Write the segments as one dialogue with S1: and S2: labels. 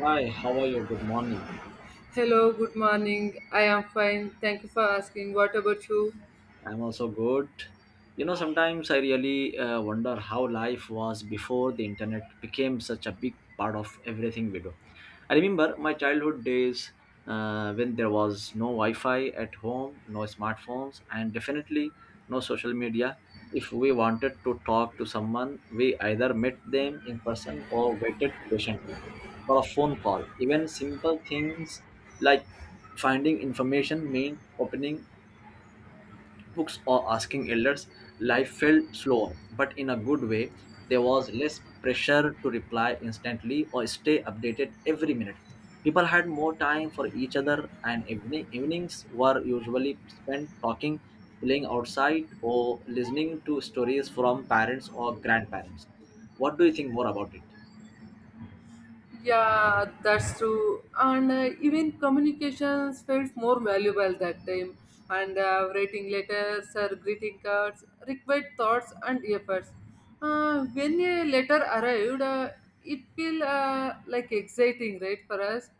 S1: Hi, how are you? Good morning.
S2: Hello, good morning. I am fine. Thank you for asking. What about you?
S1: I'm also good. You know, sometimes I really wonder how life was before the internet became such a big part of everything we do. I remember my childhood days when there was no Wi Fi at home, no smartphones, and definitely no social media. If we wanted to talk to someone, we either met them in person or waited patiently for a phone call. Even simple things like finding information meant opening books or asking elders. Life felt slower, but in a good way. There was less pressure to reply instantly or stay updated every minute. People had more time for each other, and evenings were usually spent talking, playing outside, or listening to stories from parents or grandparents. What do you think more about it?
S2: Yeah, that's true. And Even communications felt more valuable that time. And Writing letters or greeting cards required thoughts and efforts. When a letter arrived, it felt like exciting, right, for us.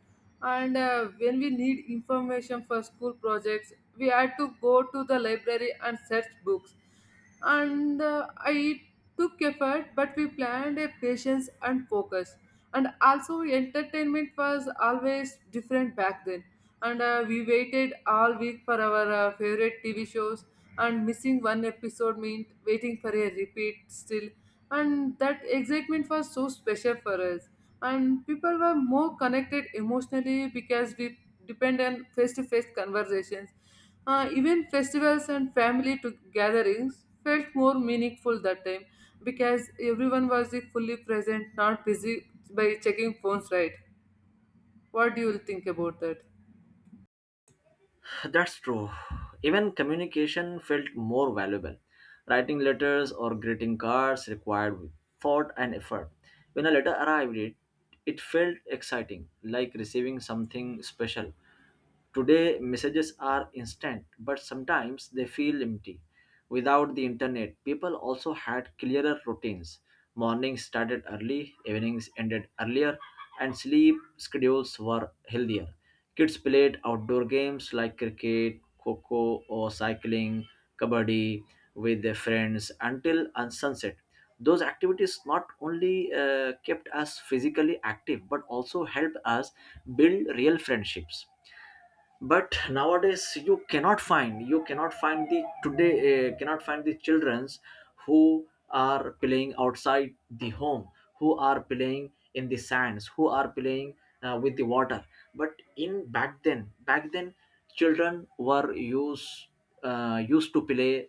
S2: And When we need information for school projects, we had to go to the library and search books. And I took effort, but we planned a patience and focus. And also entertainment was always different back then, and we waited all week for our favorite TV shows, and missing one episode meant waiting for a repeat still, and that excitement was so special for us. And people were more connected emotionally because we depend on face-to-face conversations. Even festivals and family to gatherings felt more meaningful that time, because everyone was fully present, not busy by checking phones, right? What do you think about that?
S1: That's true. Even communication felt more valuable. Writing letters or greeting cards required thought and effort. When a letter arrived, it felt exciting, like receiving something special. Today, messages are instant, but sometimes they feel empty. Without the internet, people also had clearer routines. Mornings started early, evenings ended earlier, and sleep schedules were healthier. Kids played outdoor games like cricket, coco, or cycling, kabaddi with their friends until sunset. Those activities not only kept us physically active but also helped us build real friendships. But nowadays, you cannot find the today cannot find the childrens who are playing outside the home, who are playing in the sands, who are playing with the water. But in back then, children were used to play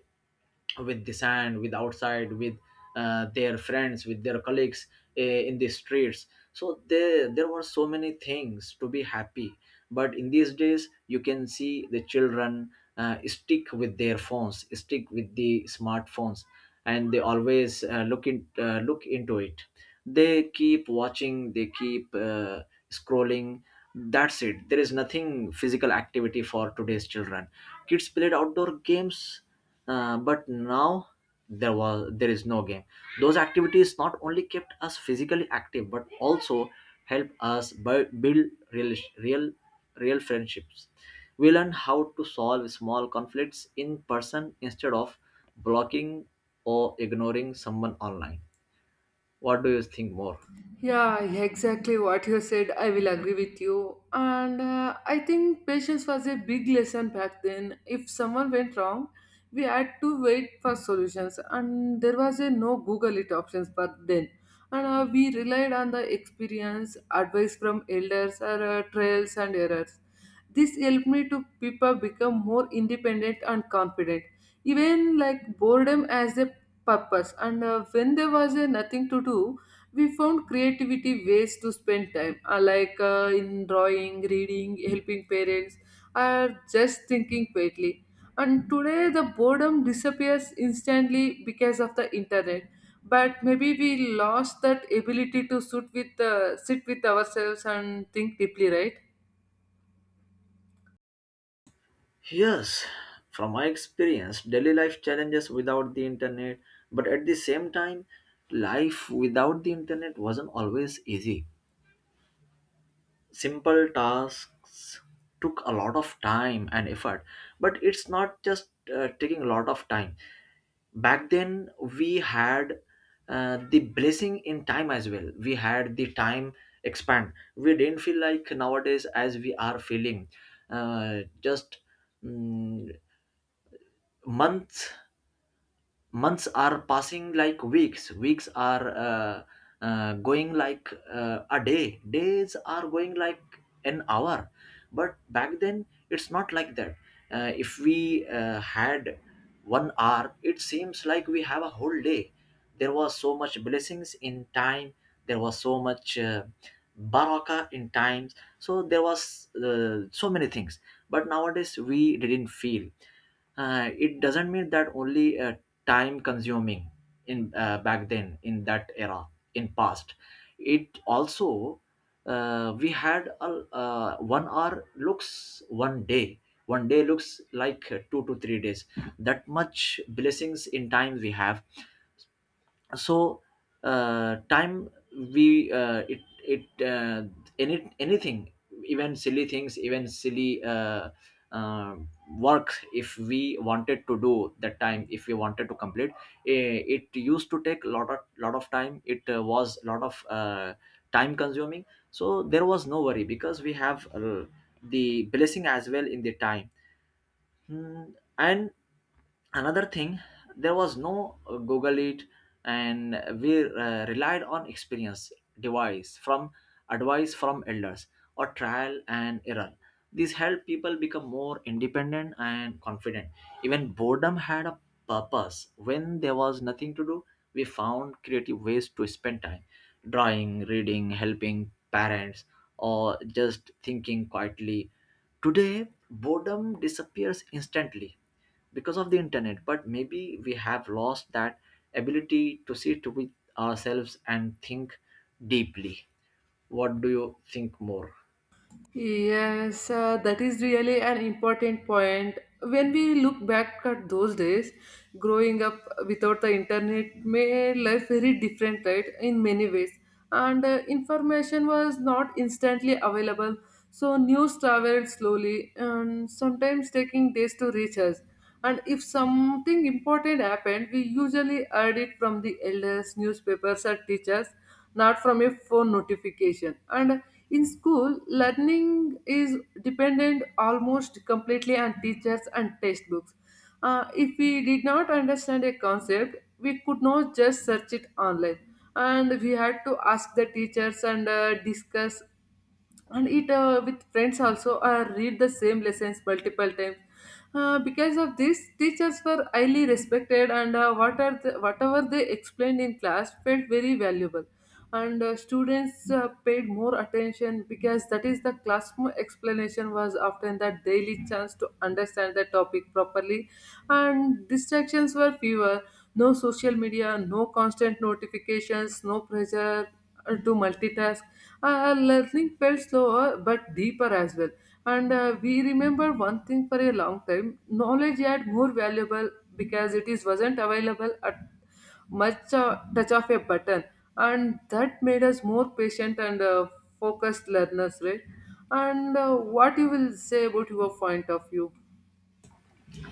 S1: with the sand, with outside, with their friends, with their colleagues in the streets. So there were so many things to be happy. But in these days you can see the children stick with their phones, stick with the smartphones. And they always look in, look into it. They keep watching, they keep scrolling. That's it. There is nothing physical activity for today's children. Kids played outdoor games, but now there is no game. Those activities not only kept us physically active but also help us build real real real friendships. We learn how to solve small conflicts in person instead of blocking or ignoring someone online. What do you think more?
S2: Yeah, exactly what you said. I will agree with you. And I think patience was a big lesson back then. If someone went wrong, we had to wait for solutions, and there was a no Google it options back then. And We relied on the experience, advice from elders, or trials and errors. This helped me to people become more independent and confident. Even like boredom as a purpose, and when there was nothing to do, we found creativity ways to spend time, like in drawing, reading, helping parents, or just thinking quietly. And today the boredom disappears instantly because of the internet, but maybe we lost that ability to sit with ourselves and think deeply, right?
S1: Yes, from my experience, daily life challenges without the internet, but at the same time, life without the internet wasn't always easy. Simple tasks took a lot of time and effort, but it's not just taking a lot of time. Back then, we had the blessing in time as well. We had the time expand. We didn't feel like nowadays as we are feeling. Just mm, months months are passing like weeks are going like a day days are going like an hour. But back then it's not like that. If we had 1 hour, it seems like we have a whole day. There was so much blessings in time. There was so much baraka in times. So there was so many things. But nowadays we didn't feel it. Doesn't mean that only time consuming. In back then, in that era, in past, it also, we had a, 1 hour looks one day, one day looks like 2 to 3 days. That much blessings in time we have. So time, we it it anything. Even silly things, even silly uh, work, if we wanted to do that time, if we wanted to complete, it used to take lot of time. It was lot of time consuming. So there was no worry because we have the blessing as well in the time. Hmm, and another thing, there was no google it. And we relied on experience, device from advice from elders, or trial and error. These helped people become more independent and confident. Even boredom had a purpose. When there was nothing to do, we found creative ways to spend time: drawing, reading, helping parents, or just thinking quietly. Today boredom disappears instantly because of the internet, but maybe we have lost that ability to sit with ourselves and think deeply. What do you think more?
S2: Yes, that is really an important point. When we look back at those days, growing up without the internet made life very different, right? In many ways, and information was not instantly available, so news traveled slowly and sometimes taking days to reach us. And if something important happened, we usually heard it from the elders, newspapers, or teachers, not from a phone notification. And in school, learning is dependent almost completely on teachers and textbooks. If we did not understand a concept, we could not just search it online. And we had to ask the teachers and discuss and eat with friends also, or read the same lessons multiple times, because of this teachers were highly respected. And whatever they explained in class felt very valuable. And students paid more attention, because that is the classroom explanation was often the daily chance to understand the topic properly. And distractions were fewer, no social media, no constant notifications, no pressure to multitask. Learning felt slower but deeper as well. And we remember one thing for a long time, knowledge had more valuable because it is wasn't available at much touch of a button. And that made us more patient and focused learners, right? And what you will say about your point of view?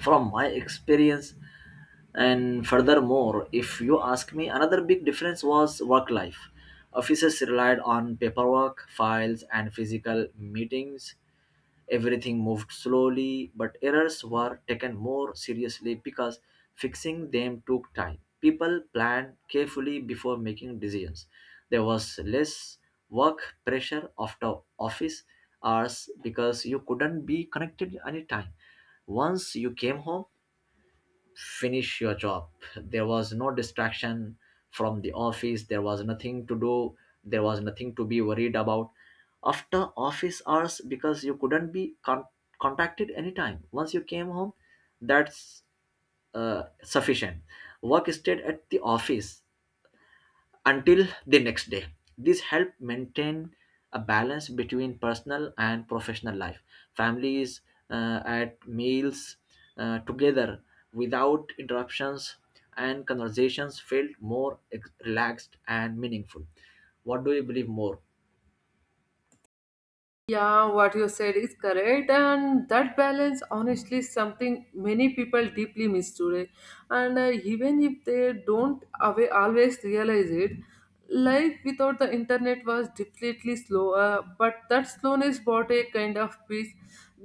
S1: From my experience, and furthermore, if you ask me, another big difference was work life. Offices relied on paperwork, files, and physical meetings. Everything moved slowly, but errors were taken more seriously because fixing them took time. People planned carefully before making decisions. There was less work pressure after office hours because you couldn't be connected anytime. Once you came home, finish your job. There was no distraction from the office, there was nothing to do, there was nothing to be worried about. After office hours, because you couldn't be contacted anytime, once you came home, that's sufficient. Work stayed at the office until the next day. This helps maintain a balance between personal and professional life. Families at meals together without interruptions, and conversations felt more relaxed and meaningful. What do you believe more?
S2: Yeah, what you said is correct, and that balance honestly is something many people deeply miss today. And even if they don't awa- always realize it, life without the internet was definitely slower, but that slowness brought a kind of peace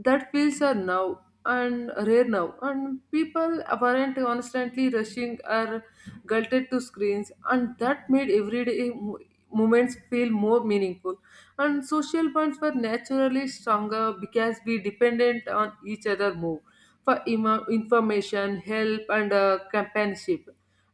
S2: that feels are now and rare now. And people weren't constantly rushing or guilted to screens, and that made everyday moments feel more meaningful. And social bonds were naturally stronger because we dependent on each other more for information, help, and companionship.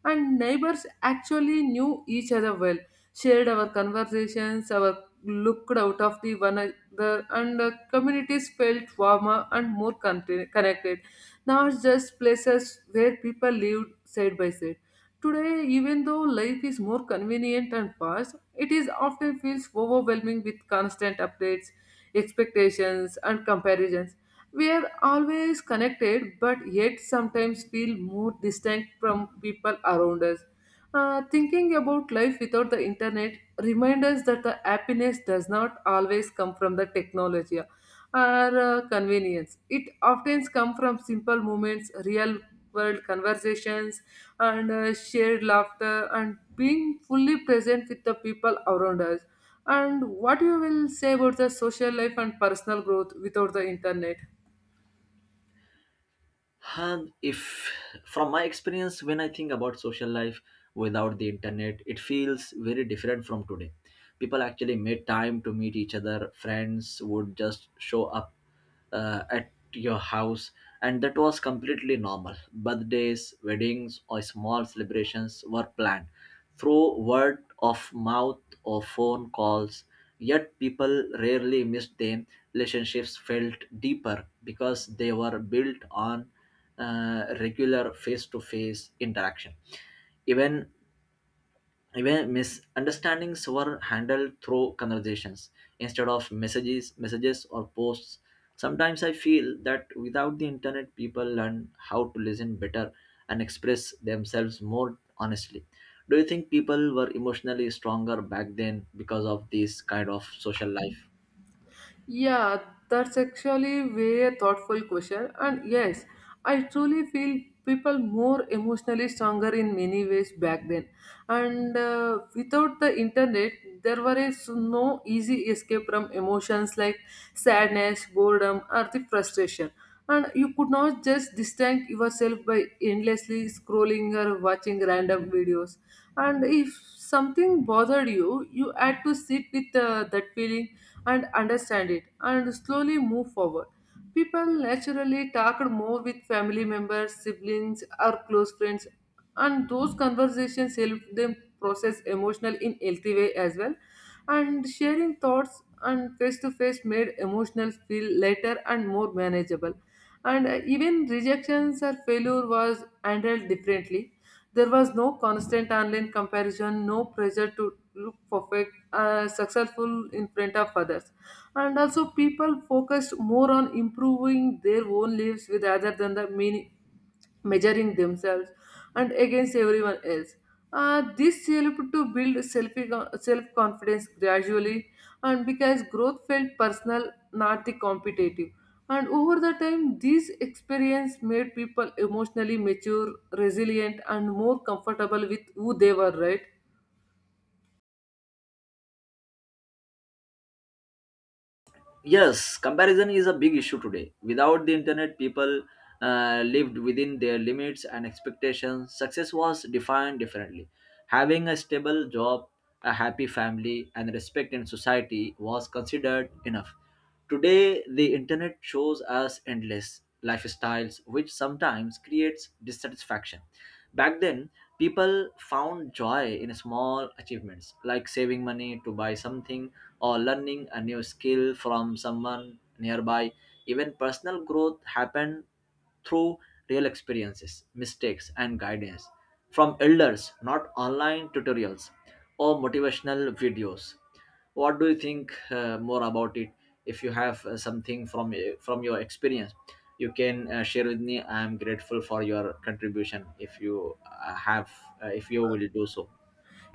S2: And neighbors actually knew each other well, shared our conversations, our looked out of the one another, and communities felt warmer and connected, now it's just places where people lived side by side. Today, even though life is more convenient and fast, it is often feels overwhelming with constant updates, expectations, and comparisons. We are always connected, but yet sometimes feel more distant from people around us. Thinking about life without the internet reminds us that the happiness does not always come from the technology or convenience. It often comes from simple moments, real world conversations, and shared laughter, and being fully present with the people around us. And what you will say about the social life and personal growth without the internet?
S1: And if From my experience, when I think about social life without the internet, it feels very different from today. People actually made time to meet each other. Friends would just show up at your house, and that was completely normal. Birthdays, weddings, or small celebrations were planned through word of mouth or phone calls. Yet people rarely missed them. Relationships felt deeper because they were built on regular face to face interaction. Even Even misunderstandings were handled through conversations instead of messages or posts. Sometimes I feel that without the internet people learn how to listen better and express themselves more honestly. Do you think people were emotionally stronger back then because of this kind of social life?
S2: Yeah, that's actually very thoughtful question. And yes, I truly feel people more emotionally stronger in many ways back then. And without the internet, there was no easy escape from emotions like sadness, boredom, or the frustration. And you could not just distract yourself by endlessly scrolling or watching random videos. And if something bothered you, you had to sit with that feeling and understand it and slowly move forward. People naturally talked more with family members, siblings, or close friends, and those conversations help them process emotional in healthy way as well. And sharing thoughts and face to face made emotional feel lighter and more manageable. And even rejections or failure was handled differently. There was no constant online comparison, no pressure to look perfect successful in front of others. And also people focused more on improving their own lives with rather than the meaning measuring themselves and against everyone else. This helped to build self confidence gradually, and because growth felt personal, not the competitive. And over the time, these experience made people emotionally mature, resilient, and more comfortable with who they were, right?
S1: Yes, comparison is a big issue today. Without the internet, people lived within their limits and expectations. Success was defined differently. Having a stable job, a happy family, and respect in society was considered enough. Today, the internet shows us endless lifestyles, which sometimes creates dissatisfaction. Back then, people found joy in small achievements, like saving money to buy something or learning a new skill from someone nearby. Even personal growth happened through real experiences, mistakes, and guidance from elders, not online tutorials or motivational videos. What do you think more about it? If you have something from your experience, you can share with me. I am grateful for your contribution. If you have, if you will do so.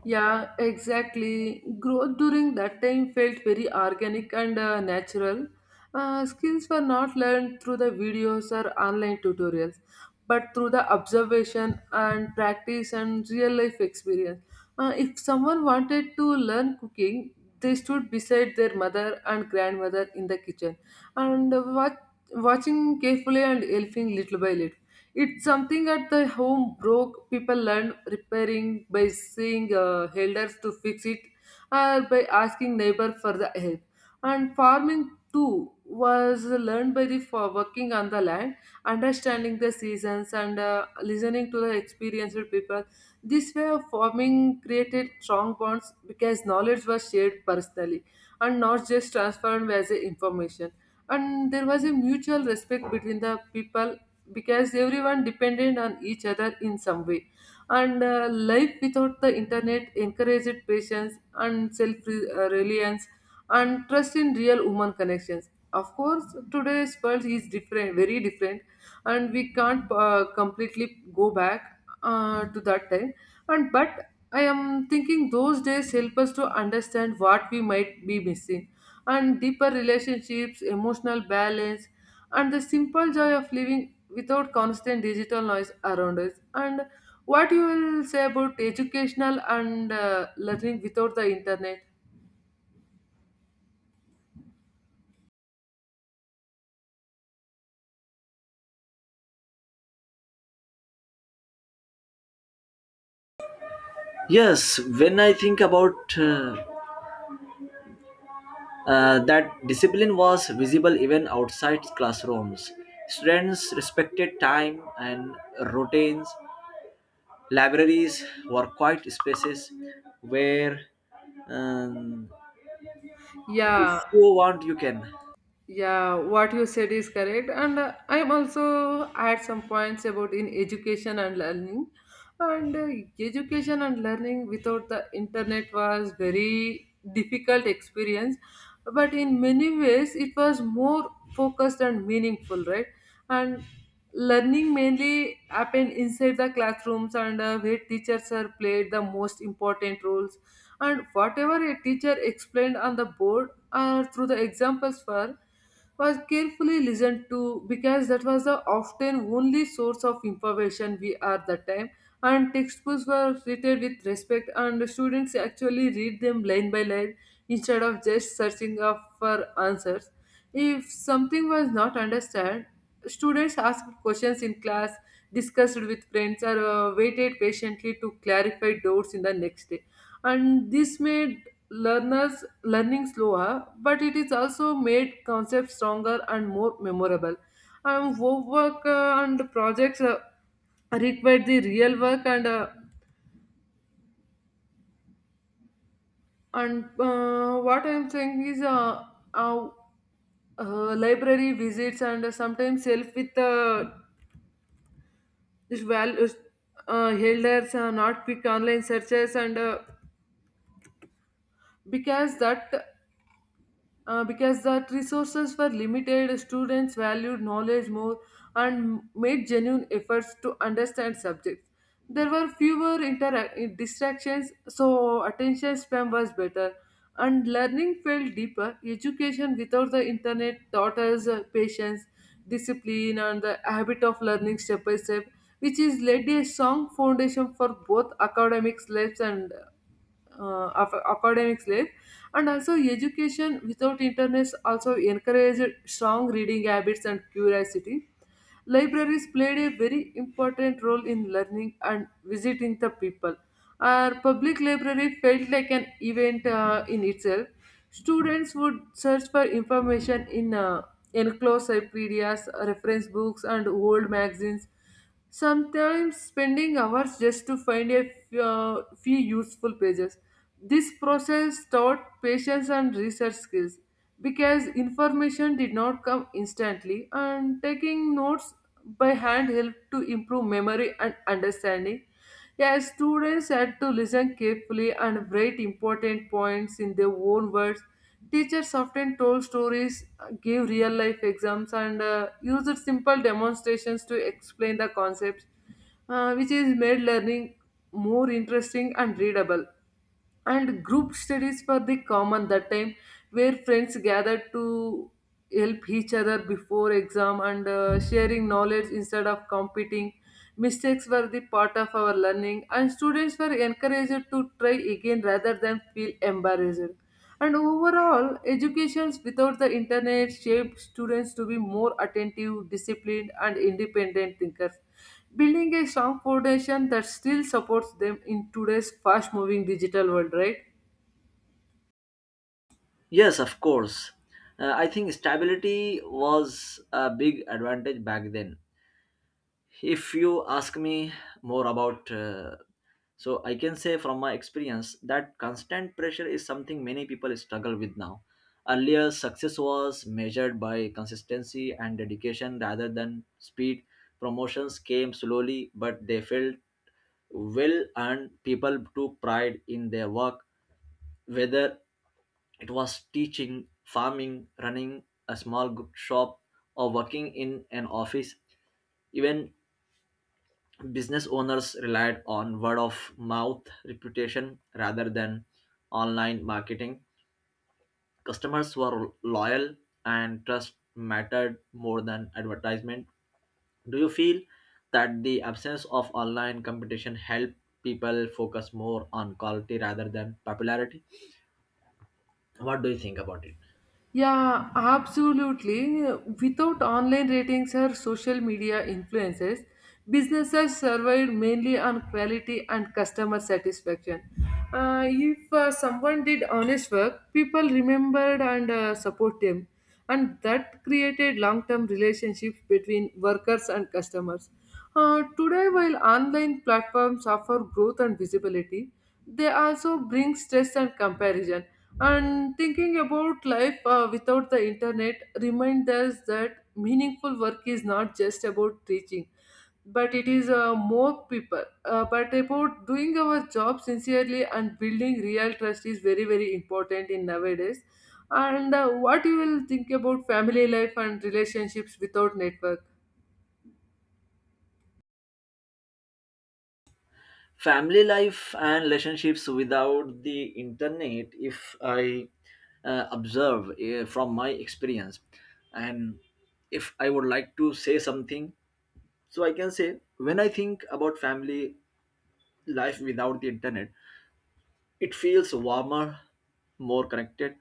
S2: Yeah, exactly. Growth during that time felt very organic and natural. Skills were not learned through the videos or online tutorials, but through the observation and practice and real life experience. If someone wanted to learn cooking, they stood beside their mother and grandmother in the kitchen and watching carefully and helping little by little. It's something at the home broke. People learn repairing by seeing elders to fix it or by asking neighbor for the help. And farming too was learned by the for working on the land, understanding the seasons and listening to the experienced people. This way of farming created strong bonds because knowledge was shared personally and not just transferred as a information. And there was a mutual respect between the people, because everyone depended on each other in some way. And life without the internet encouraged patience and self-reliance and trust in real human connections, of course. Today's world is different, very different, and we can't completely go back to that time. And but I am thinking those days help us to understand what we might be missing, and deeper relationships, emotional balance, and the simple joy of living without constant digital noise around us. And what you will say about educational and learning without the internet?
S1: Yes, when I think about discipline was visible even outside classrooms. Students respected time and routines. Libraries were quiet spaces where, um, if
S2: Yeah,
S1: you want, you can.
S2: Yeah, what you said is correct, and I am also add some points about in education and learning. And education and learning without the internet was very difficult experience, but in many ways it was more focused and meaningful, right? And learning mainly happened inside the classrooms and where teachers are played the most important roles. And whatever a teacher explained on the board through the examples for was carefully listened to, because that was the often only source of information we at the time. And textbooks were treated with respect and the students actually read them line by line, instead of just searching up for answers. If something was not understood, students asked questions in class, discussed with friends, or waited patiently to clarify doubts in the next day. And this made learners learning slower, but it is also made concepts stronger and more memorable. And work and projects require the real work and what I'm saying is uh, library visits and sometimes self with this val- elders, not quick online searches, and because that because that resources were limited, students valued knowledge more and made genuine efforts to understand subjects. There were fewer interac distractions, so attention span was better, and learning felt deeper. Education without the internet taught us patience, discipline, and the habit of learning step by step, which is laid a strong foundation for both academic lives and of academic slave. And also education without internet also encouraged strong reading habits and curiosity. Libraries played a very important role in learning and visiting the people. Our public library felt like an event in itself. Students would search for information in encyclopedias, reference books, and old magazines, sometimes spending hours just to find a few useful pages. This process taught patience and research skills, because information did not come instantly, and taking notes by hand helped to improve memory and understanding. Yes, students had to listen carefully and write important points in their own words. Teachers often told stories, gave real life exams, and used simple demonstrations to explain the concepts, which is made learning more interesting and readable, and group studies were the common that time where friends gathered to help each other before exam, and sharing knowledge instead of competing. Mistakes were the part of our learning, and students were encouraged to try again rather than feel embarrassed. And overall educations without the internet shaped students to be more attentive, disciplined, and independent thinkers, building a strong foundation that still supports them in today's fast moving digital world, right?
S1: Yes, of course. I think stability was a big advantage back then. If you ask me more about, so I can say from my experience that constant pressure is something many people struggle with now. Earlier, success was measured by consistency and dedication rather than speed. Promotions came slowly, but they felt well, and people took pride in their work, whether it was teaching, farming, running a small shop, or working in an office. Even business owners relied on word of mouth reputation rather than online marketing. Customers were loyal and trust mattered more than advertisement. Do you feel that the absence of online competition helped people focus more on quality rather than popularity? What do you think about it?
S2: Yeah, absolutely. Without online ratings or social media influences, businesses survived mainly on quality and customer satisfaction. If someone did honest work, people remembered and support them, and that created long term relationships between workers and customers. Today, while online platforms offer growth and visibility, they also bring stress and comparison. And thinking about life without the internet reminds us that meaningful work is not just about teaching, but it is more people. But about doing our job sincerely and building real trust is very, very important in nowadays. And what you will think about family life and relationships without network?
S1: Family life and relationships without the internet, if I observe from my experience, and if I would like to say something, so I can say, when I think about family life without the internet, it feels warmer, more connected.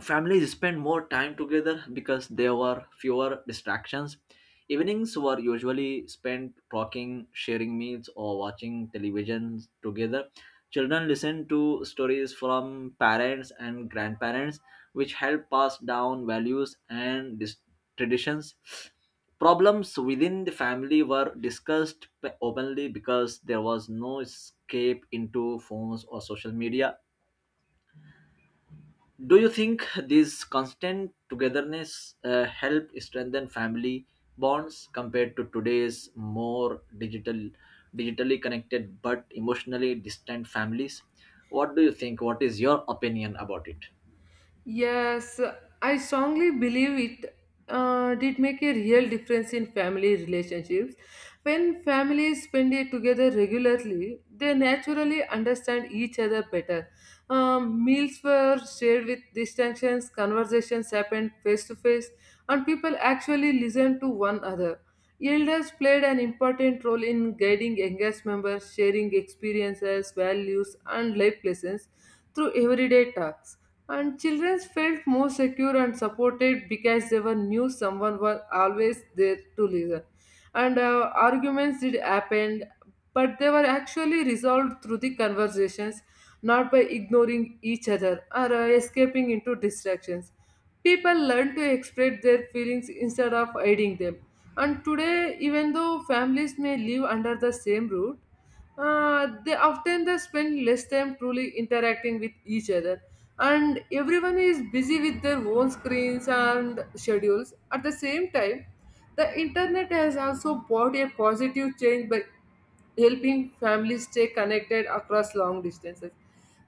S1: Families spent more time together because there were fewer distractions. Evenings were usually spent talking, sharing meals, or watching television together. Children listened to stories from parents and grandparents, which helped pass down values and traditions. Problems within the family were discussed openly because there was no escape into phones or social media. Do you think this constant togetherness help strengthen family bonds compared to today's more digitally connected but emotionally distant families? What do you think? What is your opinion about it?
S2: Yes, I strongly believe it did make a real difference in family relationships. When families spend it together regularly, they naturally understand each other better. Meals were shared with distinctions, conversations happened face to face, and people actually listened to one another. Elders played an important role in guiding younger members, sharing experiences, values, and life lessons through everyday talks. And children felt more secure and supported because they were knew someone was always there to listen. And arguments did happen, but they were actually resolved through the conversations, not by ignoring each other or escaping into distractions. People learn to express their feelings instead of hiding them. And today, even though families may live under the same roof, they often they spend less time truly interacting with each other. And everyone is busy with their own screens and schedules. At the same time, the internet has also brought a positive change by helping families stay connected across long distances.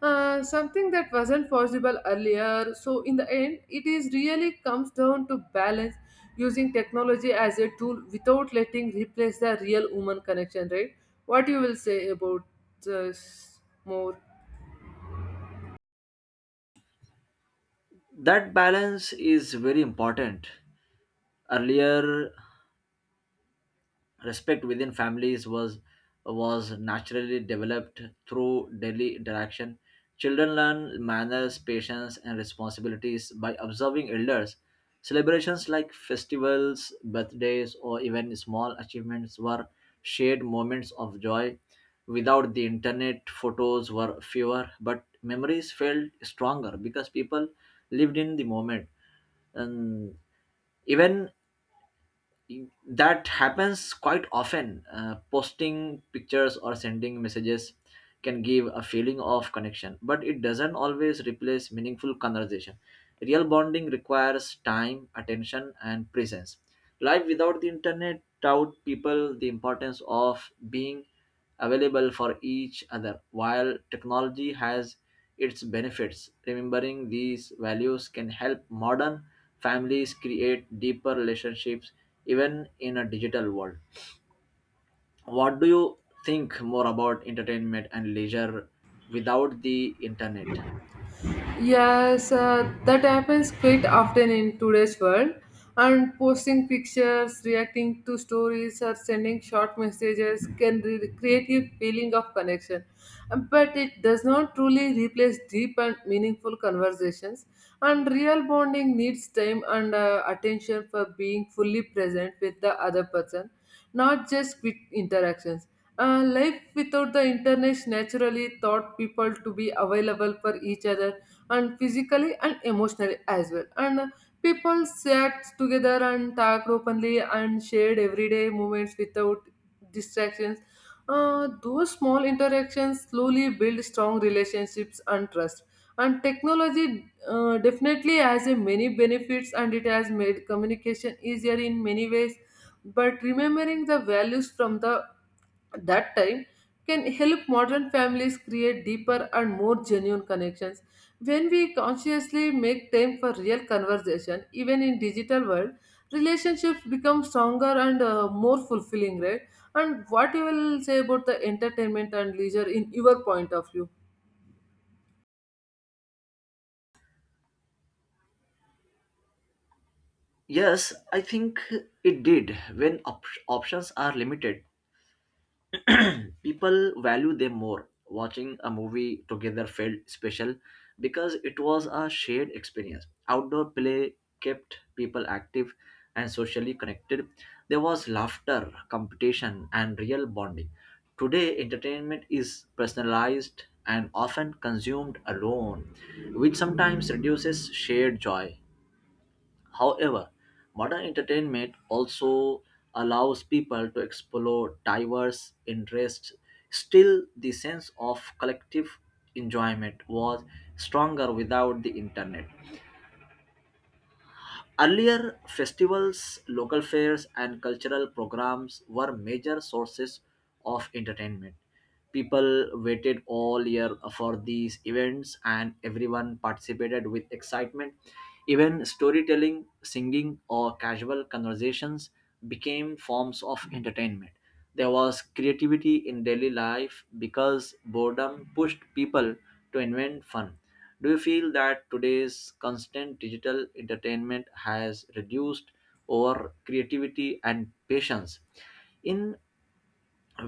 S2: Something that wasn't possible earlier. So in the end, it is really comes down to balance, using technology as a tool without letting replace the real human connection, right? What you will say about this more?
S1: That balance is very important. Earlier, respect within families was naturally developed through daily interaction. Children learn manners, patience, and responsibilities by observing elders. Celebrations like festivals, birthdays, or even small achievements were shared moments of joy. Without the internet, photos were fewer, but memories felt stronger because people lived in the moment. And even that happens quite often. Posting pictures or sending messages can give a feeling of connection, but it doesn't always replace meaningful conversation. Real bonding requires time, attention, and presence. Life without the internet taught people the importance of being available for each other. While technology has its benefits, remembering these values can help modern families create deeper relationships even in a digital world. What do you think more about entertainment and leisure without the internet?
S2: Yes, that happens quite often in today's world. And posting pictures, reacting to stories, or sending short messages can create a feeling of connection. But it does not truly replace deep and meaningful conversations. And real bonding needs time and attention for being fully present with the other person, not just quick interactions. Life without the internet naturally taught people to be available for each other, and physically and emotionally as well. And people sat together and talked openly and shared everyday moments without distractions. Those small interactions slowly build strong relationships and trust. And technology definitely has a many benefits, and it has made communication easier in many ways, but remembering the values from the that time can help modern families create deeper and more genuine connections. When we consciously make time for real conversation, even in digital world, relationships become stronger and more fulfilling, right? And what you will say about the entertainment and leisure in your point of view?
S1: Yes, I think it did. When options are limited, people value them more. Watching a movie together felt special because it was a shared experience. Outdoor play kept people active and socially connected. There was laughter, competition, and real bonding. Today entertainment is personalized and often consumed alone, which sometimes reduces shared joy. However, modern entertainment also allows people to explore diverse interests. Still, the sense of collective enjoyment was stronger without the internet. Earlier, festivals, local fairs, and cultural programs were major sources of entertainment. People waited all year for these events, and everyone participated with excitement. Even storytelling, singing, or casual conversations became forms of entertainment. There was creativity in daily life because boredom pushed people to invent fun. Do you feel that today's constant digital entertainment has reduced our creativity and patience? In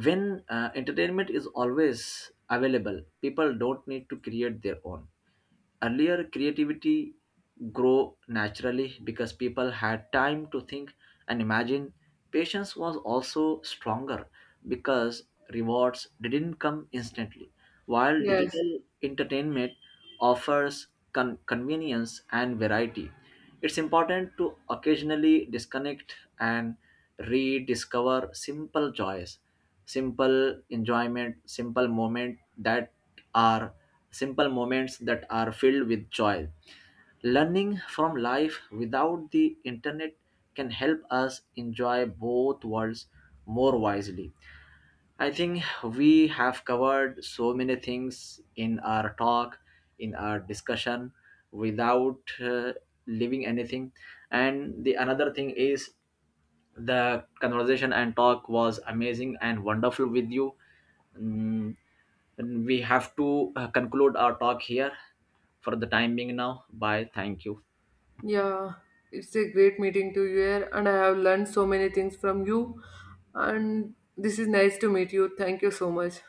S1: When entertainment is always available, people don't need to create their own. Earlier, creativity grow naturally because people had time to think and imagine. Patience was also stronger because rewards didn't come instantly. While
S2: Yes.
S1: digital entertainment offers convenience and variety, it's important to occasionally disconnect and rediscover simple joys, simple enjoyment, simple moment that are simple moments that are filled with joy. Learning from life without the internet can help us enjoy both worlds more wisely. I think we have covered so many things in our talk, in our discussion, without leaving anything. And the another thing is the conversation and talk was amazing and wonderful with you. Mm, and we have to conclude our talk here for the time being now. Bye. Thank you.
S2: Yeah, it's a great meeting to you here, and I have learned so many things from you, and this is nice to meet you. Thank you so much.